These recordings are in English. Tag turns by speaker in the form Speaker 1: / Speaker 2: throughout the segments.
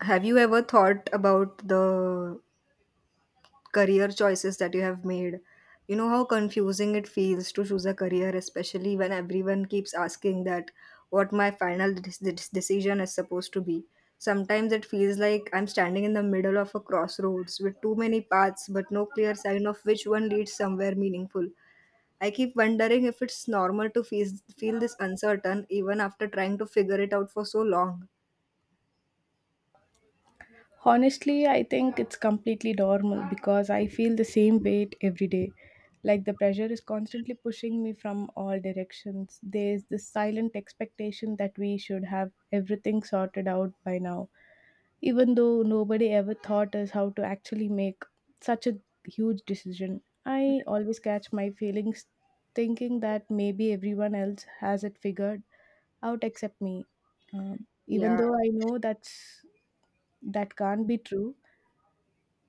Speaker 1: Have you ever thought about the career choices that you have made? You know how confusing it feels to choose a career, especially when everyone keeps asking that what my final decision is supposed to be. Sometimes it feels like I'm standing in the middle of a crossroads with too many paths, but no clear sign of which one leads somewhere meaningful. I keep wondering if it's normal to feel this uncertain even after trying to figure it out for so long.
Speaker 2: Honestly, I think it's completely normal because I feel the same weight every day. Like the pressure is constantly pushing me from all directions. There's this silent expectation that we should have everything sorted out by now, even though nobody ever taught us how to actually make such a huge decision. I always catch my feelings thinking that maybe everyone else has it figured out except me. Even
Speaker 1: Yeah.
Speaker 2: though I know that can't be true.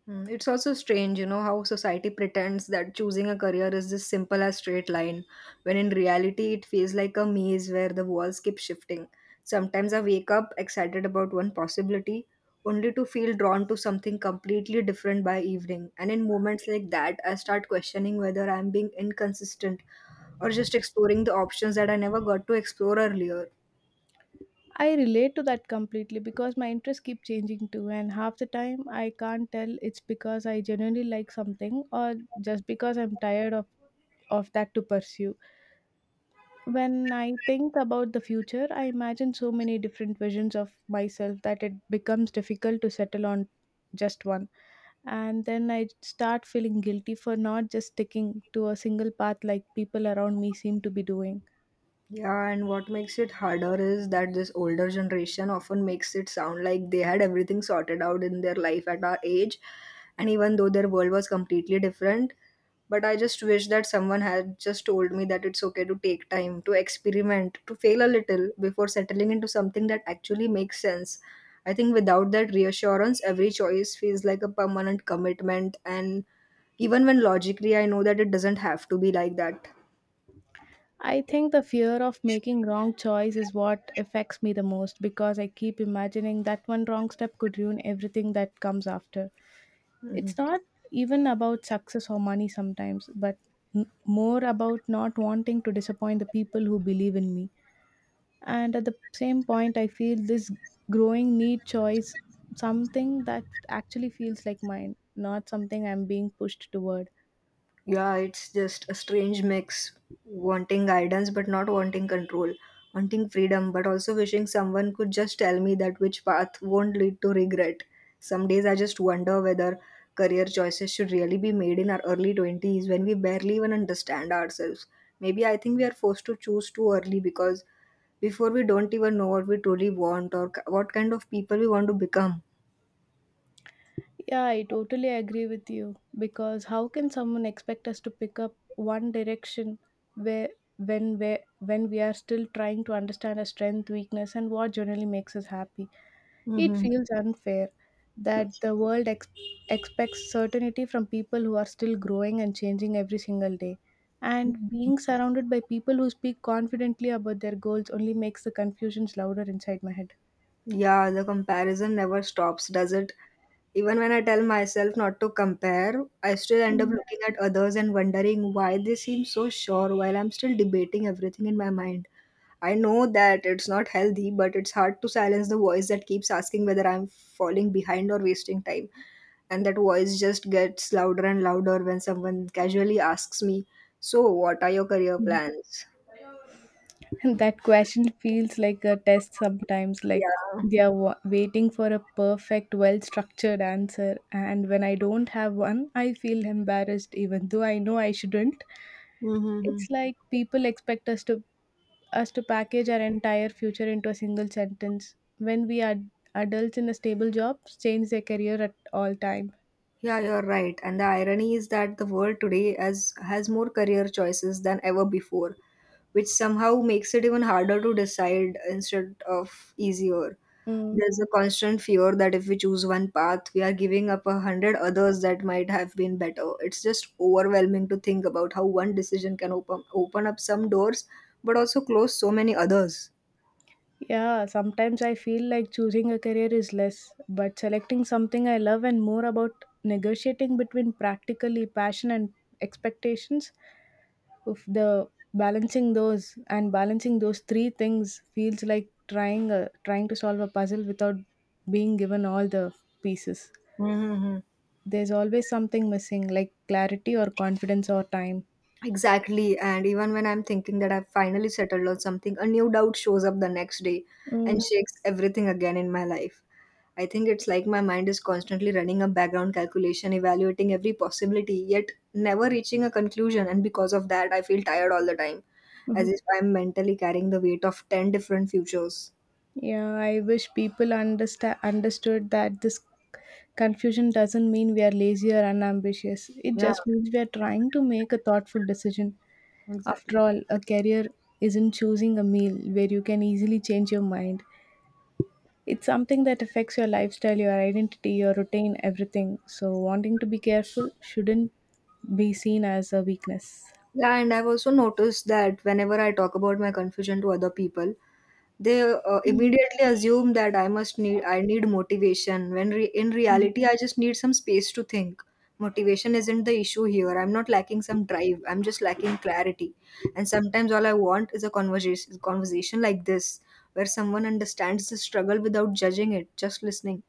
Speaker 1: It's also strange, how society pretends that choosing a career is this simple as straight line, when in reality it feels like a maze where the walls keep shifting. Sometimes I wake up excited about one possibility, only to feel drawn to something completely different by evening. And in moments like that, I start questioning whether I'm being inconsistent or just exploring the options that I never got to explore earlier.
Speaker 2: I relate to that completely because my interests keep changing too, and half the time I can't tell it's because I genuinely like something or just because I'm tired of that to pursue. When I think about the future, I imagine so many different visions of myself that it becomes difficult to settle on just one. And then I start feeling guilty for not just sticking to a single path like people around me seem to be doing.
Speaker 1: Yeah, and what makes it harder is that this older generation often makes it sound like they had everything sorted out in their life at our age, and even though their world was completely different. But I just wish that someone had just told me that it's okay to take time, to experiment, to fail a little before settling into something that actually makes sense. I think without that reassurance, every choice feels like a permanent commitment, and even when logically I know that it doesn't have to be like that.
Speaker 2: I think the fear of making wrong choice is what affects me the most because I keep imagining that one wrong step could ruin everything that comes after.
Speaker 1: Mhm.
Speaker 2: It's not even about success or money sometimes, but more about not wanting to disappoint the people who believe in me. And at the same point, I feel this growing need choice something that actually feels like mine, not something I'm being pushed toward.
Speaker 1: Yeah, it's just a strange mix wanting guidance but not wanting control, wanting freedom but also wishing someone could just tell me that which path won't lead to regret. Some days I just wonder whether career choices should really be made in our early 20s when we barely even understand ourselves. Maybe I think we are forced to choose too early because before we don't even know what we truly want or what kind of people we want to become.
Speaker 2: Yeah, I totally agree with you because how can someone expect us to pick up one direction where where when we are still trying to understand our strength, weakness and what generally makes us happy? It
Speaker 1: Mm-hmm.
Speaker 2: feels unfair that the world expects certainty from people who are still growing and changing every single day. And being surrounded by people who speak confidently about their goals only makes the confusions louder inside my head.
Speaker 1: Yeah, the comparison never stops, does it? Even when I tell myself not to compare, I still end up looking at others and wondering why they seem so sure while I'm still debating everything in my mind. I know that it's not healthy, but it's hard to silence the voice that keeps asking whether I'm falling behind or wasting time. And that voice just gets louder and louder when someone casually asks me, so, what are your career
Speaker 2: Mm.
Speaker 1: plans?
Speaker 2: That question feels like a test sometimes, like
Speaker 1: Yeah.
Speaker 2: they are waiting for a perfect well structured answer, and when I don't have one I feel embarrassed even though I know I shouldn't.
Speaker 1: Hmm.
Speaker 2: It's like people expect us to package our entire future into a single sentence when we are adults in a stable job, change their career at all time.
Speaker 1: Yeah, you're right. And the irony is that the world today has more career choices than ever before, which somehow makes it even harder to decide instead of easier.
Speaker 2: Mm.
Speaker 1: There's a constant fear that if we choose one path, we are giving up a hundred others that might have been better. It's just overwhelming to think about how one decision can open up some doors, but also close so many others.
Speaker 2: Yeah, sometimes I feel like choosing a career is less, but selecting something I love and more about negotiating between practically passion and expectations of the balancing those and balancing those three things feels like trying to solve a puzzle without being given all the pieces.
Speaker 1: Mm-hmm.
Speaker 2: There's always something missing like clarity or confidence or time.
Speaker 1: Exactly. And even when I'm thinking that I've finally settled on something, a new doubt shows up the next day
Speaker 2: Mm-hmm.
Speaker 1: and shakes everything again in my life. I think it's like my mind is constantly running a background calculation, evaluating every possibility, yet never reaching a conclusion. And because of that, I feel tired all the time, as if I'm mentally carrying the weight of 10 different futures.
Speaker 2: Yeah, I wish people understand understood that this confusion doesn't mean we are lazy or unambitious. It
Speaker 1: Yeah,
Speaker 2: just means we are trying to make a thoughtful decision. After
Speaker 1: exactly.
Speaker 2: all, a career isn't choosing a meal where you can easily change your mind. It's something that affects your lifestyle, your identity, your routine, everything. So wanting to be careful shouldn't be seen as a weakness.
Speaker 1: Yeah, and I've also noticed that whenever I talk about my confusion to other people, they
Speaker 2: Mm,
Speaker 1: immediately assume that I need motivation when in
Speaker 2: mm.
Speaker 1: reality I just need some space to think. Motivation isn't the issue here. I'm not lacking some drive. I'm just lacking clarity. And sometimes all I want is a conversation like this where someone understands the struggle without judging it, just listening.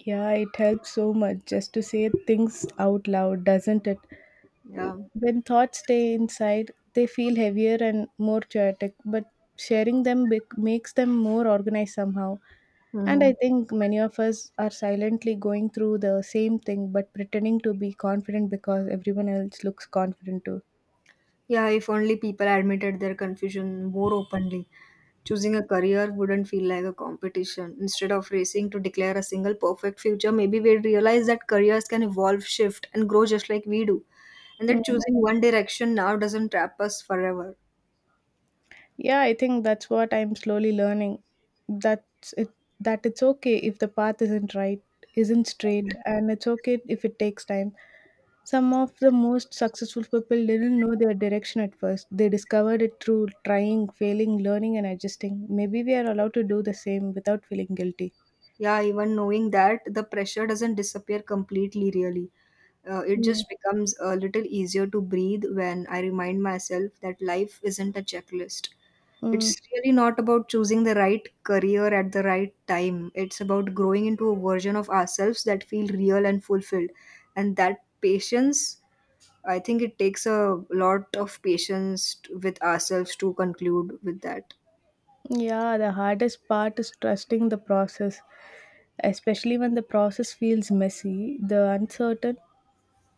Speaker 2: Yeah, it helps so much just to say things out loud, doesn't it?
Speaker 1: Yeah.
Speaker 2: When thoughts stay inside, they feel heavier and more chaotic, but sharing them makes them more organized somehow. And
Speaker 1: Mm-hmm.
Speaker 2: I think many of us are silently going through the same thing but pretending to be confident because everyone else looks confident too.
Speaker 1: Yeah, if only people admitted their confusion more openly. Choosing a career wouldn't feel like a competition. Instead of racing to declare a single perfect future, maybe we'd realize that careers can evolve, shift, and grow just like we do. And that
Speaker 2: Mm.
Speaker 1: choosing one direction now doesn't trap us forever.
Speaker 2: Yeah, I think that's what I'm slowly learning. That's it that it's okay if the path isn't right, isn't straight, and it's okay if it takes time. Some of the most successful people didn't know their direction at first. They discovered it through trying, failing, learning and adjusting. Maybe we are allowed to do the same without feeling guilty.
Speaker 1: Yeah, even knowing that the pressure doesn't disappear completely, really. It
Speaker 2: Mm.
Speaker 1: just becomes a little easier to breathe when I remind myself that life isn't a checklist.
Speaker 2: Mm.
Speaker 1: It's really not about choosing the right career at the right time. It's about growing into a version of ourselves that feel real and fulfilled. And that patience, I think it takes a lot of patience with ourselves to conclude with that.
Speaker 2: Yeah, the hardest part is trusting the process, especially when the process feels messy, the uncertain.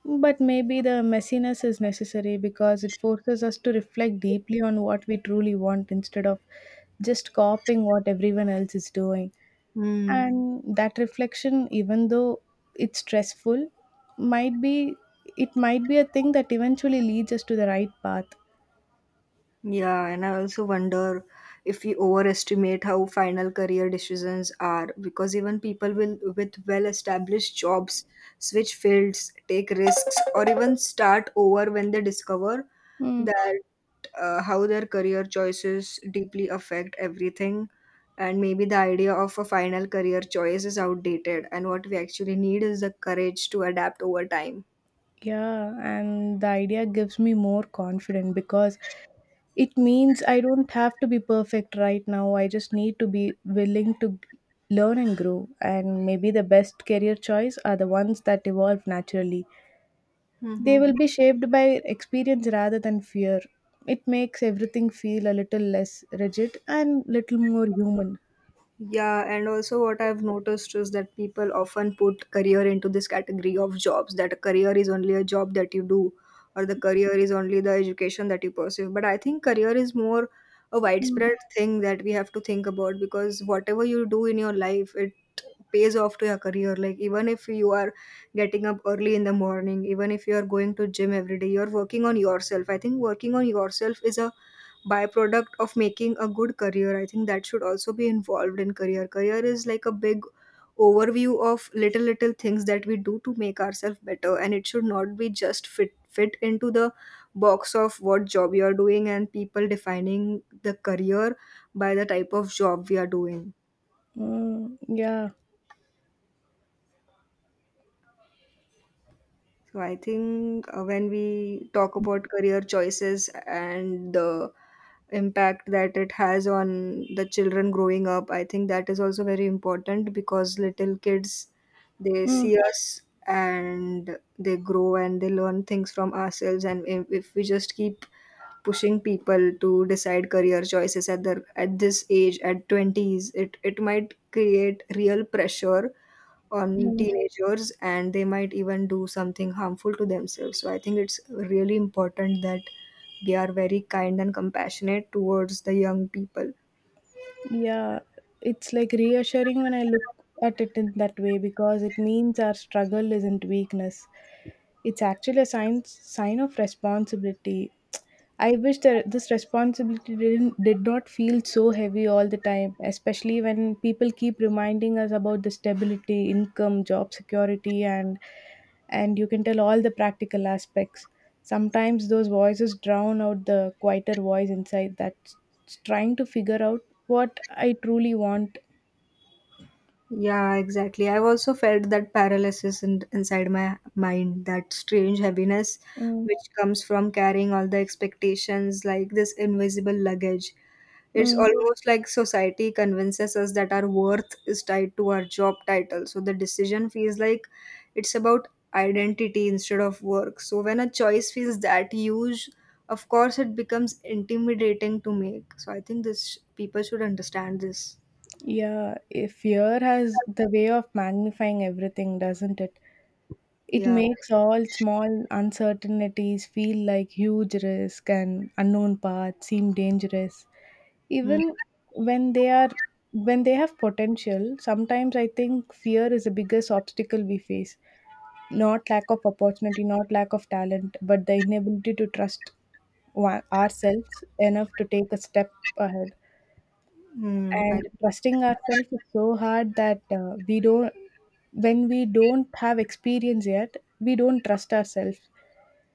Speaker 2: But maybe the messiness is necessary because it forces us to reflect deeply on what we truly want instead of just copying what everyone else is doing.
Speaker 1: Hmm.
Speaker 2: And that reflection, even though it's stressful, might be it might be a thing that eventually leads us to the right path.
Speaker 1: Yeah, and I also wonder if we overestimate how final career decisions are because even with well established jobs switch fields, take risks, or even start over when they discover
Speaker 2: Hmm.
Speaker 1: that how their career choices deeply affect everything. And maybe the idea of a final career choice is outdated, and what we actually need is the courage to adapt over time.
Speaker 2: Yeah, and the idea gives me more confidence because it means I don't have to be perfect right now. I just need to be willing to learn and grow. And maybe the best career choice are the ones that evolve naturally. They
Speaker 1: Hmm.
Speaker 2: will be shaped by experience rather than fear. It makes everything feel a little less rigid and little more human.
Speaker 1: Yeah, and also what I've noticed is that people often put career into this category of jobs, that a career is only a job that you do or the career is only the education that you pursue. But I think career is more a
Speaker 2: Mm.
Speaker 1: widespread thing that we have to think about because whatever you do in your life, it pays off to your career. Like even if you are getting up early in the morning, even if you are going to gym every day, you're working on yourself. I think working on yourself is a byproduct of making a good career. I think that should also be involved in career. Career is like a big overview of little things that we do to make ourselves better, and it should not be just fit into the box of what job you are doing and people defining the career by the type of job we are doing.
Speaker 2: Mm, yeah.
Speaker 1: So I think when we talk about career choices and the impact that it has on the children growing up, I think that is also very important because little kids, they
Speaker 2: Mm,
Speaker 1: see us and they grow and they learn things from ourselves, and if we just keep pushing people to decide career choices at their at this age at 20s, it might create real pressure on
Speaker 2: mm.
Speaker 1: teenagers and they might even do something harmful to themselves. So I think it's really important that we are very kind and compassionate towards the young people.
Speaker 2: Yeah, it's like reassuring when I look at it in that way because it means our struggle isn't weakness. It's actually a sign of responsibility. I wish that this responsibility did not feel so heavy all the time, especially when people keep reminding us about the stability, income, job security, and you can tell all the practical aspects. Sometimes those voices drown out the quieter voice inside that's trying to figure out what I truly want.
Speaker 1: Yeah, exactly. I've also felt that paralysis inside my mind, that strange heaviness
Speaker 2: Mm,
Speaker 1: which comes from carrying all the expectations like this invisible luggage. It's
Speaker 2: mm.
Speaker 1: almost like society convinces us that our worth is tied to our job title. So the decision feels like it's about identity instead of work. So when a choice feels that huge, of course it becomes intimidating to make. So I think this people should understand this.
Speaker 2: Yeah, if fear has the way of magnifying everything, doesn't it? It
Speaker 1: Yeah.
Speaker 2: makes all small uncertainties feel like huge risk and unknown paths seem dangerous.
Speaker 1: Hmm.
Speaker 2: Even when they are when they have potential, sometimes I think fear is the biggest obstacle we face. Not lack of opportunity, not lack of talent, but the inability to trust ourselves enough to take a step ahead.
Speaker 1: Hmm. I,
Speaker 2: And trusting ourselves is so hard that we don't when we don't have experience yet we don't trust ourselves.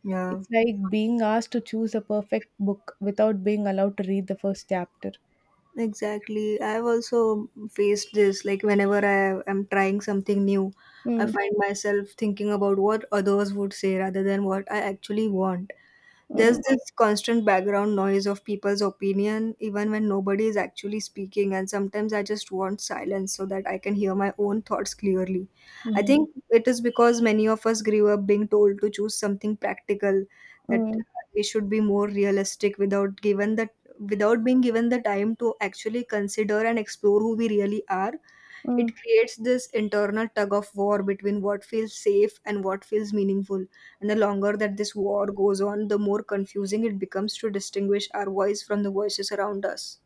Speaker 1: yeah.
Speaker 2: It's like being asked to choose a perfect book without being allowed to read the first chapter.
Speaker 1: Exactly. I've also faced this. Like, whenever I am trying something new, I
Speaker 2: Mm,
Speaker 1: find myself thinking about what others would say rather than what I actually want. There's
Speaker 2: mm,
Speaker 1: this constant background noise of people's opinion, even when nobody is actually speaking. And sometimes I just want silence so that I can hear my own thoughts clearly. I
Speaker 2: mm,
Speaker 1: think it is because many of us grew up being told to choose something practical, that
Speaker 2: mm,
Speaker 1: we should be more realistic without being given the time to actually consider and explore who we really are.
Speaker 2: mm.
Speaker 1: It creates this internal tug of war between what feels safe and what feels meaningful. And the longer that this war goes on, the more confusing it becomes to distinguish our voice from the voices around us.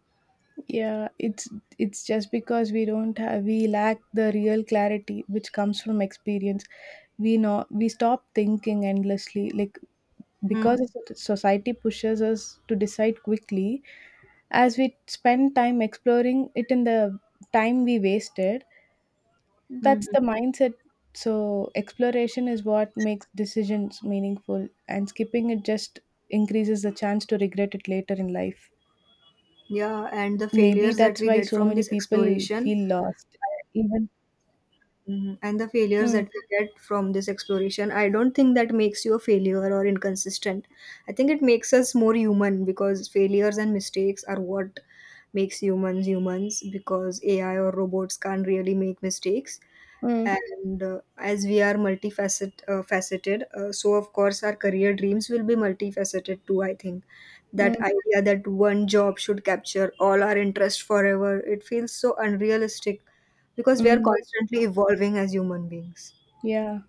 Speaker 2: Yeah, it's just because we don't have, we lack the real clarity which comes from experience. We know we stop thinking endlessly, like
Speaker 1: Mhm.
Speaker 2: because the society pushes us to decide quickly, as we spend time exploring it in the time we wasted. That's
Speaker 1: Mhm.
Speaker 2: the mindset. So exploration is what makes decisions meaningful, and skipping it just increases the chance to regret it later in life.
Speaker 1: Yeah, and the
Speaker 2: Maybe
Speaker 1: failures that
Speaker 2: that's
Speaker 1: we
Speaker 2: why
Speaker 1: get
Speaker 2: so
Speaker 1: from
Speaker 2: many
Speaker 1: this
Speaker 2: people
Speaker 1: exploration
Speaker 2: feel lost even.
Speaker 1: Mhm. And the failures
Speaker 2: Mm,
Speaker 1: that we get from this exploration, I don't think that makes you a failure or inconsistent. I think it makes us more human because failures and mistakes are what makes humans humans because AI or robots can't really make mistakes.
Speaker 2: mm,
Speaker 1: And as we are faceted, so of course our career dreams will be multifaceted too. I think that
Speaker 2: mm,
Speaker 1: idea that one job should capture all our interest forever, it feels so unrealistic because we are
Speaker 2: mm,
Speaker 1: constantly evolving as human beings.
Speaker 2: yeah.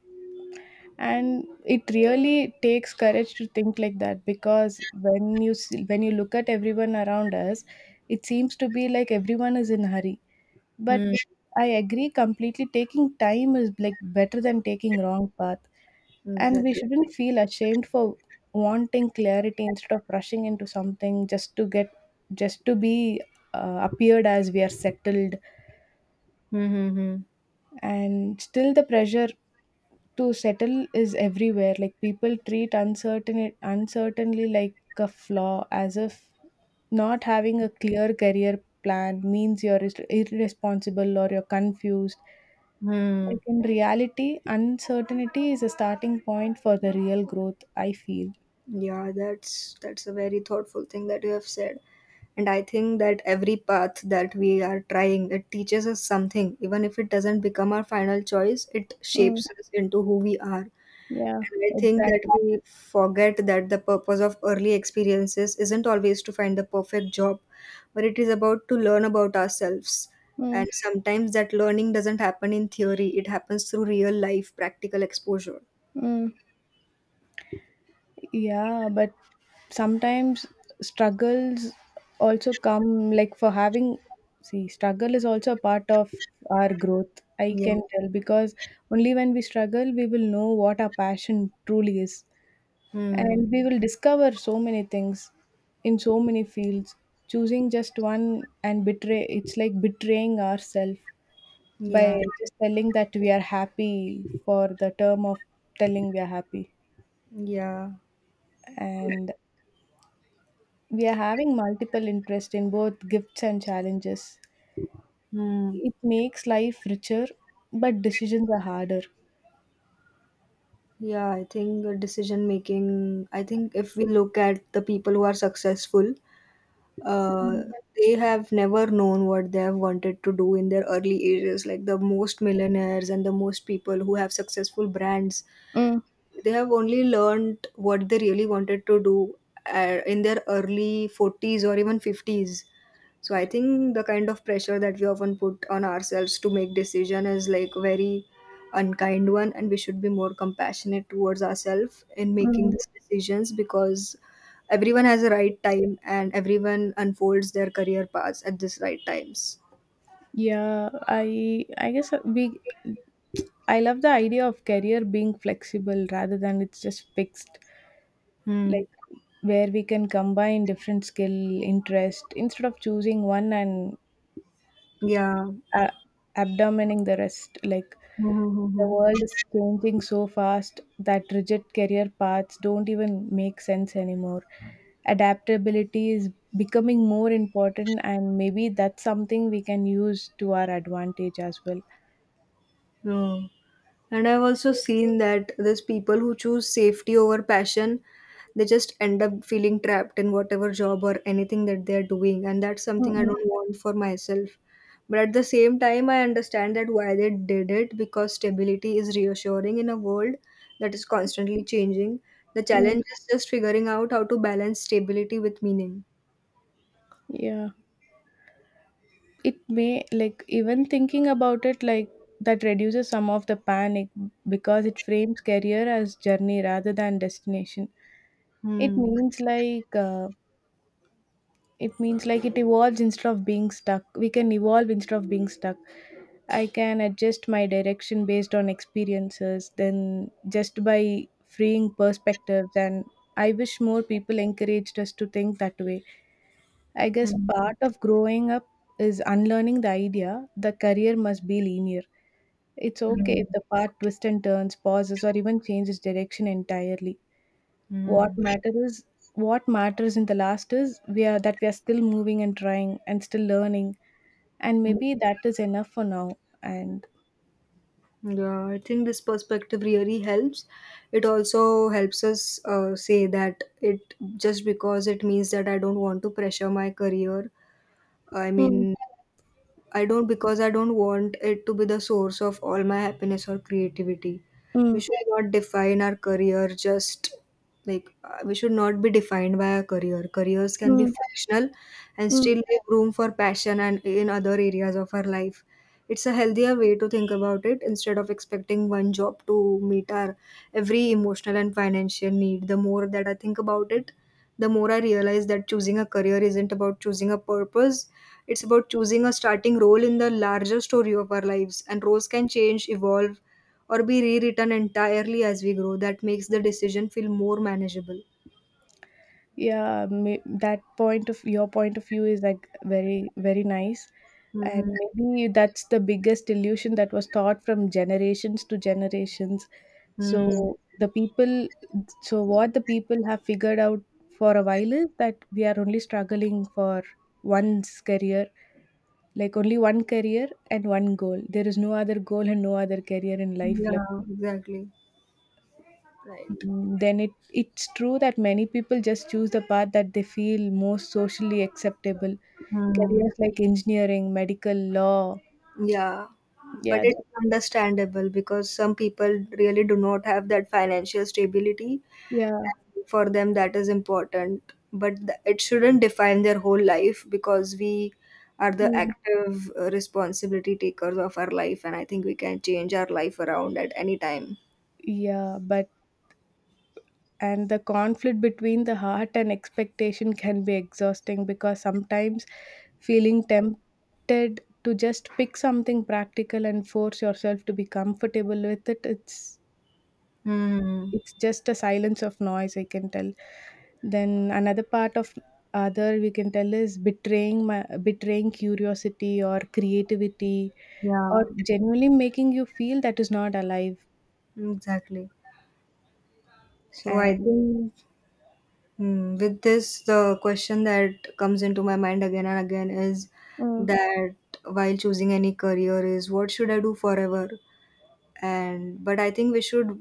Speaker 2: And it really takes courage to think like that because when you see, when you look at everyone around us, it seems to be like everyone is in a hurry. But
Speaker 1: Hmm.
Speaker 2: I agree completely. Taking time is like better than taking wrong path. And we
Speaker 1: Exactly.
Speaker 2: shouldn't feel ashamed for wanting clarity instead of rushing into something just to get just to be appeared as we are settled.
Speaker 1: Hmm.
Speaker 2: And still the pressure to settle is everywhere. Like people treat uncertainly like a flaw, as if not having a clear career plan means you're irresponsible or you're confused. Like
Speaker 1: Hmm.
Speaker 2: in reality, uncertainty is a starting point for the real growth, I feel.
Speaker 1: Yeah, that's a very thoughtful thing that you have said. And I think that every path that we are trying, it teaches us something. Even if it doesn't become our final choice, it
Speaker 2: Mm,
Speaker 1: shapes us into who we are.
Speaker 2: yeah,
Speaker 1: And I think that
Speaker 2: exactly.
Speaker 1: we forget that the purpose of early experiences isn't always to find the perfect job, but it is about to learn about ourselves.
Speaker 2: Mm,
Speaker 1: And sometimes that learning doesn't happen in theory, it happens through real life practical exposure.
Speaker 2: mm. Yeah, but sometimes struggles also come like for having, see, struggle is also a part of our growth. I
Speaker 1: Yeah.
Speaker 2: can tell because only when we struggle, we will know what our passion truly is. And
Speaker 1: Hmm.
Speaker 2: we will discover so many things in so many fields. Choosing just one and betray it's like betraying ourselves by
Speaker 1: Yeah.
Speaker 2: just telling that we are happy for the term of telling we are happy.
Speaker 1: Yeah.
Speaker 2: And we are having multiple interest in both gifts and challenges.
Speaker 1: Hmm.
Speaker 2: It makes life richer but decisions are harder.
Speaker 1: Yeah, I think decision making. I think if we look at the people who are successful, uh, they have never known what they have wanted to do in their early ages. Like the most millionaires and the most people who have successful brands,
Speaker 2: Mm,
Speaker 1: they have only learned what they really wanted to do in their early 40s or even 50s. So I think the kind of pressure that we often put on ourselves to make decision is like very unkind one, and we should be more compassionate towards ourselves in making
Speaker 2: mm.
Speaker 1: these decisions, because everyone has a right time and everyone unfolds their career paths at this right times.
Speaker 2: Yeah, I guess we, I love the idea of career being flexible rather than it's just fixed.
Speaker 1: Hmm.
Speaker 2: Like where we can combine different skill interest instead of choosing one and
Speaker 1: Yeah.
Speaker 2: uh, abdomining the rest. Like the
Speaker 1: Mm-hmm.
Speaker 2: world is changing so fast that rigid career paths don't even make sense anymore. Adaptability is becoming more important, and maybe that's something we can use to our advantage as well.
Speaker 1: And I've also seen that there's people who choose safety over passion. They just end up feeling trapped in whatever job or anything that they're doing. And that's
Speaker 2: Mm,
Speaker 1: something I
Speaker 2: mm,
Speaker 1: don't want for myself. But at the same time, I understand that why they did it, because stability is reassuring in a world that is constantly changing. The
Speaker 2: mm.
Speaker 1: challenge is just figuring out how to balance stability with meaning.
Speaker 2: Yeah, it may like even thinking about it like that reduces some of the panic because it frames career as journey rather than destination. It
Speaker 1: Hmm.
Speaker 2: means like uh, it means like it evolves instead of being stuck. We can evolve instead of being stuck. I can adjust my direction based on experiences then just by freeing perspectives, and I wish more people encouraged us to think that way. I guess
Speaker 1: Hmm.
Speaker 2: part of growing up is unlearning the idea the career must be linear. It's okay if the path twists and turns, pauses, or even changes direction entirely. What
Speaker 1: Hmm.
Speaker 2: matters is what matters in the last is we are that we are still moving and trying and still learning, and
Speaker 1: Hmm.
Speaker 2: maybe that is enough for now. And
Speaker 1: Yeah, I think this perspective really helps. It also helps us say that it just because it means that I don't want to pressure my career. I
Speaker 2: mm,
Speaker 1: mean, I don't, because I don't want it to be the source of all my happiness or creativity. We
Speaker 2: mm,
Speaker 1: should not define our career just like we should not be defined by our career. Careers can be
Speaker 2: mm,
Speaker 1: functional and
Speaker 2: mm.
Speaker 1: still leave room for passion and in other areas of our life. It's a healthier way to think about it instead of expecting one job to meet our every emotional and financial need. The more that I think about it, the more I realize that choosing a career isn't about choosing a purpose, it's about choosing a starting role in the larger story of our lives. And roles can change, evolve, or be rewritten entirely as we grow. That makes the decision feel more manageable.
Speaker 2: Yeah may, that point of your point of view is like very nice. And
Speaker 1: Hmm.
Speaker 2: maybe that's the biggest illusion that was taught from generations to generations.
Speaker 1: Mm.
Speaker 2: so the people so what the people have figured out for a while is that we are only struggling for one's career, like only one career and one goal. There is no other goal and no other career in life left.
Speaker 1: Yeah, exactly. Right.
Speaker 2: Then it it's true that many people just choose the path that they feel most socially acceptable,
Speaker 1: Mm.
Speaker 2: careers like engineering, medical, law.
Speaker 1: Yeah, but
Speaker 2: yeah they,
Speaker 1: it's understandable because some people really do not have that financial stability
Speaker 2: yeah.
Speaker 1: for them, that is important, but it shouldn't define their whole life, because we are the
Speaker 2: yeah
Speaker 1: active responsibility takers of our life, and I think we can change our life around at any time.
Speaker 2: yeah, but and the conflict between the heart and expectation can be exhausting, because sometimes feeling tempted to just pick something practical and force yourself to be comfortable with it,
Speaker 1: Hmm.
Speaker 2: it's just a silence of noise, I can tell. Then another part of other, we can tell, is betraying curiosity or creativity, or
Speaker 1: Yeah,
Speaker 2: genuinely making you feel that is not alive.
Speaker 1: exactly. So I
Speaker 2: And
Speaker 1: think, hmm, with this the question that comes into my mind again and again is
Speaker 2: Mm,
Speaker 1: that while choosing any career is what should I do forever, and but I think we should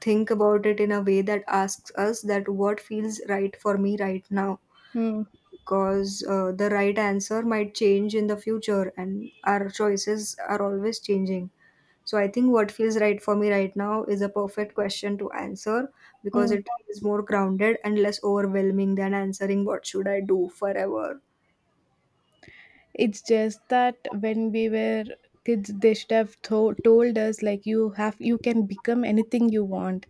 Speaker 1: think about it in a way that asks us that what feels right for me right now,
Speaker 2: mm,
Speaker 1: because the right answer might change in the future and our choices are always changing. So I think what feels right for me right now is a perfect question to answer, because
Speaker 2: mm.
Speaker 1: it is more grounded and less overwhelming than answering what should I do forever.
Speaker 2: it's just that when we were kids, they should have told us like you have, you can become anything you want.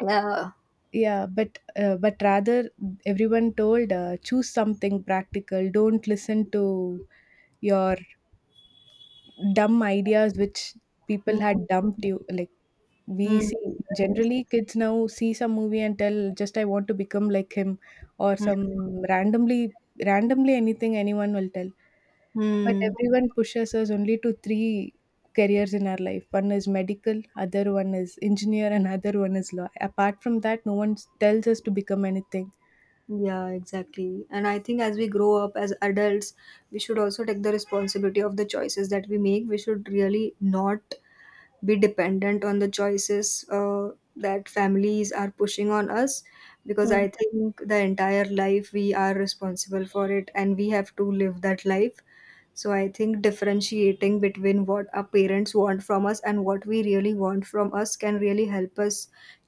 Speaker 1: Yeah.
Speaker 2: Yeah, but rather everyone told, choose something practical. Don't listen to your dumb ideas which people
Speaker 1: Hmm.
Speaker 2: had dumped you. Like, we
Speaker 1: Hmm.
Speaker 2: see
Speaker 1: Right.
Speaker 2: generally kids now see some movie and tell just, I want to become like him. Or
Speaker 1: Hmm.
Speaker 2: some randomly, anything anyone will tell. But
Speaker 1: Hmm.
Speaker 2: everyone pushes us only to three careers in our life. One is medical, other one is engineer, and other one is law. Apart from that, no one tells us to become anything.
Speaker 1: Yeah, exactly. And I think as we grow up as adults, we should also take the responsibility of the choices that we make. We should really not be dependent on the choices that families are pushing on us, because
Speaker 2: Mm,
Speaker 1: I think the entire life we are responsible for it and we have to live that life. So I think differentiating between what our parents want from us and what we really want from us can really help us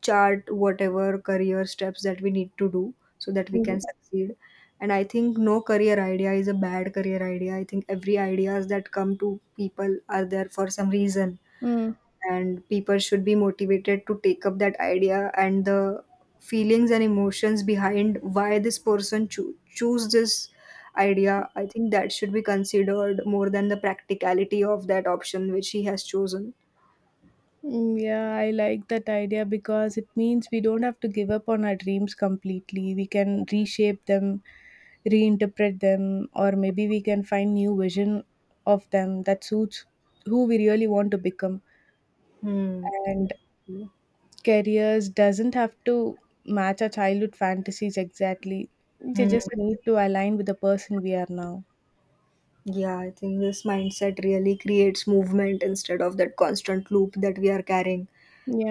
Speaker 1: chart whatever career steps that we need to do so that we
Speaker 2: okay.
Speaker 1: can succeed. And I think no career idea is a bad career idea. I think every ideas that come to people are there for some reason,
Speaker 2: Mm,
Speaker 1: and people should be motivated to take up that idea, and the feelings and emotions behind why this person choose this idea, I think that should be considered more than the practicality of that option which he has chosen.
Speaker 2: Yeah, I like that idea because it means we don't have to give up on our dreams completely. We can reshape them, reinterpret them, or maybe we can find new vision of them that suits who we really want to become.
Speaker 1: Hmm.
Speaker 2: And careers doesn't have to match our childhood fantasies exactly. They
Speaker 1: Hmm.
Speaker 2: just need to align with the person we are now.
Speaker 1: Yeah, I think this mindset really creates movement instead of that constant loop that we are carrying,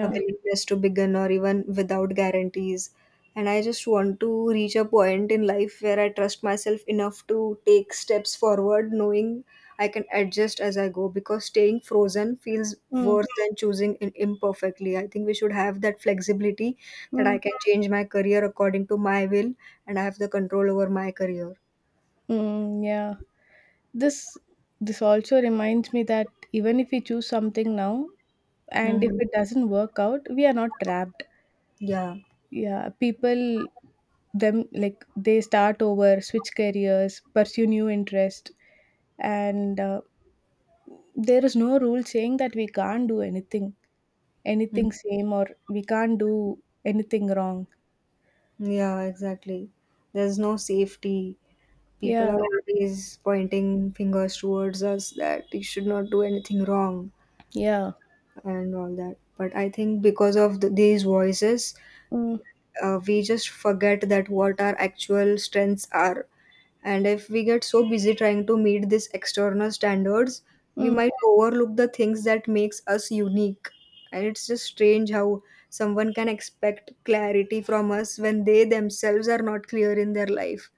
Speaker 1: a willingness to begin or even without guarantees. And I just want to reach a point in life where I trust myself enough to take steps forward, knowing I can adjust as I go, because staying frozen feels
Speaker 2: Mm,
Speaker 1: worse than choosing in imperfectly. I think we should have that flexibility that
Speaker 2: mm.
Speaker 1: I can change my career according to my will, and I have the control over my career.
Speaker 2: Yeah. This this also reminds me that even if we choose something now and if
Speaker 1: Hmm.
Speaker 2: it doesn't work out, we are not trapped.
Speaker 1: Yeah.
Speaker 2: Yeah, people them, like they start over, switch careers, pursue new interest, and there is no rule saying that we can't do anything same, or we can't do anything wrong.
Speaker 1: Yeah, exactly. There's no safety. People are
Speaker 2: Yeah,
Speaker 1: always pointing fingers towards us that we should not do anything wrong
Speaker 2: yeah.
Speaker 1: and all that. But I think because of the, these voices,
Speaker 2: Mm,
Speaker 1: we just forget that what our actual strengths are, and if we get so busy trying to meet these external standards, we
Speaker 2: mm.
Speaker 1: might overlook the things that makes us unique. And it's just strange how someone can expect clarity from us when they themselves are not clear in their life.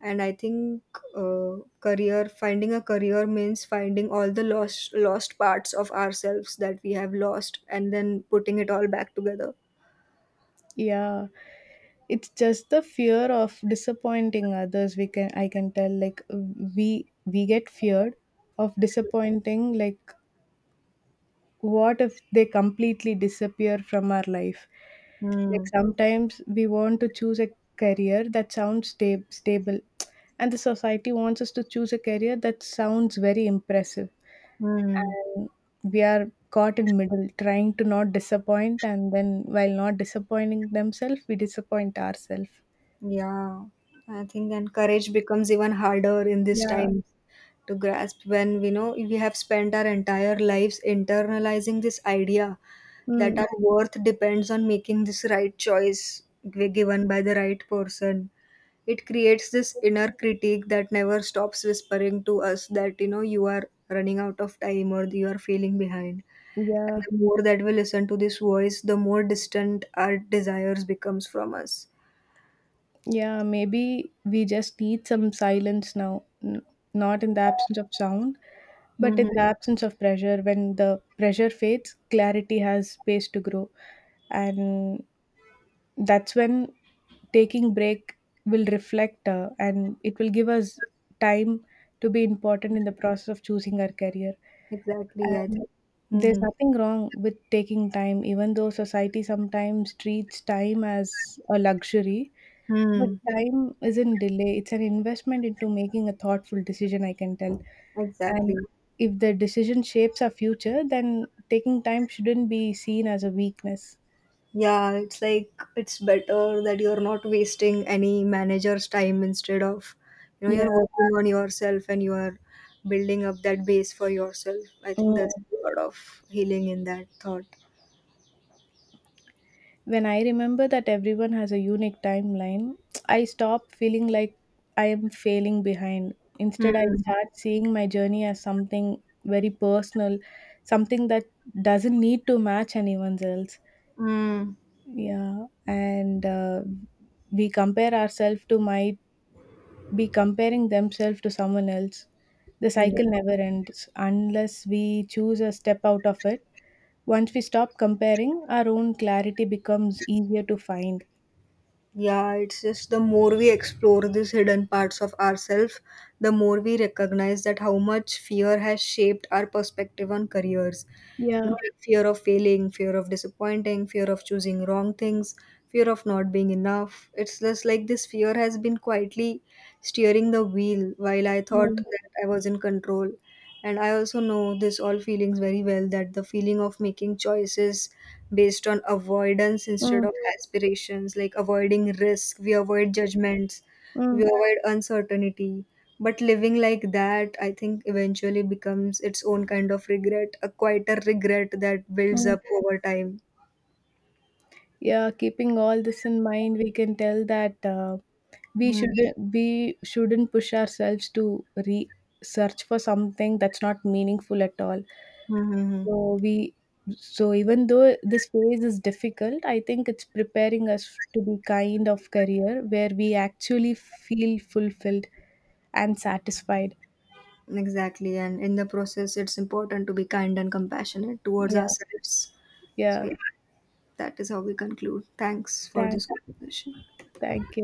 Speaker 1: And I think, uh, career finding a career means finding all the lost parts of ourselves that we have lost and then putting it all back together.
Speaker 2: yeah, it's just the fear of disappointing others, we can, I can tell, like we get feared of disappointing, like what if they completely disappear from our life. Like
Speaker 1: Hmm.
Speaker 2: sometimes we want to choose a career that sounds stable, and the society wants us to choose a career that sounds very impressive,
Speaker 1: Hmm.
Speaker 2: and we are caught in middle trying to not disappoint, and then while not disappointing themselves, we disappoint ourselves.
Speaker 1: Yeah, I think and courage becomes even harder in this
Speaker 2: Yeah.
Speaker 1: time to grasp when we know we have spent our entire lives internalizing this idea that
Speaker 2: Mm.
Speaker 1: our worth depends on making this right choice given by the right person. It creates this inner critique that never stops whispering to us that you know you are running out of time or you are failing behind. And
Speaker 2: Yeah.
Speaker 1: the more that we listen to this voice, the more distant our desires becomes from us.
Speaker 2: Yeah, maybe we just need some silence now, not in the absence of sound, but in
Speaker 1: Mhm.
Speaker 2: the absence of pressure. When the pressure fades, clarity has space to grow. And that's when taking break will reflect, and it will give us time to be important in the process of choosing our career.
Speaker 1: Exactly. I
Speaker 2: And
Speaker 1: think.
Speaker 2: there's
Speaker 1: Mm-hmm.
Speaker 2: nothing wrong with taking time, even though society sometimes treats time as a luxury, but
Speaker 1: Hmm.
Speaker 2: time isn't delay, it's an investment into making a thoughtful decision, I can tell.
Speaker 1: Exactly.
Speaker 2: And if the decision shapes our future, then taking time shouldn't be seen as a weakness.
Speaker 1: Yeah, it's like it's better that you're not wasting any manager's time instead of, you know, you're
Speaker 2: Yeah.
Speaker 1: working on yourself and you are building up that base for yourself. I think
Speaker 2: Mm.
Speaker 1: there's a lot of healing in that thought.
Speaker 2: When I remember that everyone has a unique timeline, I stop feeling like I am failing behind. Instead, I
Speaker 1: Hmm.
Speaker 2: start seeing my journey as something very personal, something that doesn't need to match anyone's else.
Speaker 1: Hmm.
Speaker 2: Yeah, and we compare ourselves to might be comparing themselves to someone else. The
Speaker 1: Yeah.
Speaker 2: cycle never ends unless we choose a step out of it. Once we stop comparing, our own clarity becomes easier to find.
Speaker 1: Yeah, it's just the more we explore these hidden parts of ourselves, the more we recognize that how much fear has shaped our perspective on careers. You
Speaker 2: Yeah.
Speaker 1: know, like fear of failing, fear of disappointing, fear of choosing wrong things, fear of not being enough. It's just like this fear has been quietly steering the wheel while I thought
Speaker 2: Mm,
Speaker 1: that I was in control. And I also know this all feelings very well that the feeling of making choices based on avoidance instead
Speaker 2: mm,
Speaker 1: of aspirations, like avoiding risk, we avoid judgments,
Speaker 2: mm,
Speaker 1: we avoid uncertainty. But living like that, I think eventually becomes its own kind of regret, a quieter regret that builds
Speaker 2: mm.
Speaker 1: up over time.
Speaker 2: Yeah, keeping all this in mind, we can tell that, we shouldn't push ourselves to re search for something that's not meaningful at all.
Speaker 1: Mm-hmm.
Speaker 2: So we so even though this phase is difficult, I think it's preparing us to be kind of career where we actually feel fulfilled and satisfied.
Speaker 1: Exactly, and in the process, it's important to be kind and compassionate towards
Speaker 2: Yeah,
Speaker 1: ourselves. So,
Speaker 2: yeah.
Speaker 1: yeah, that is how we conclude. Thanks for
Speaker 2: Thank,
Speaker 1: this conversation.
Speaker 2: thank you.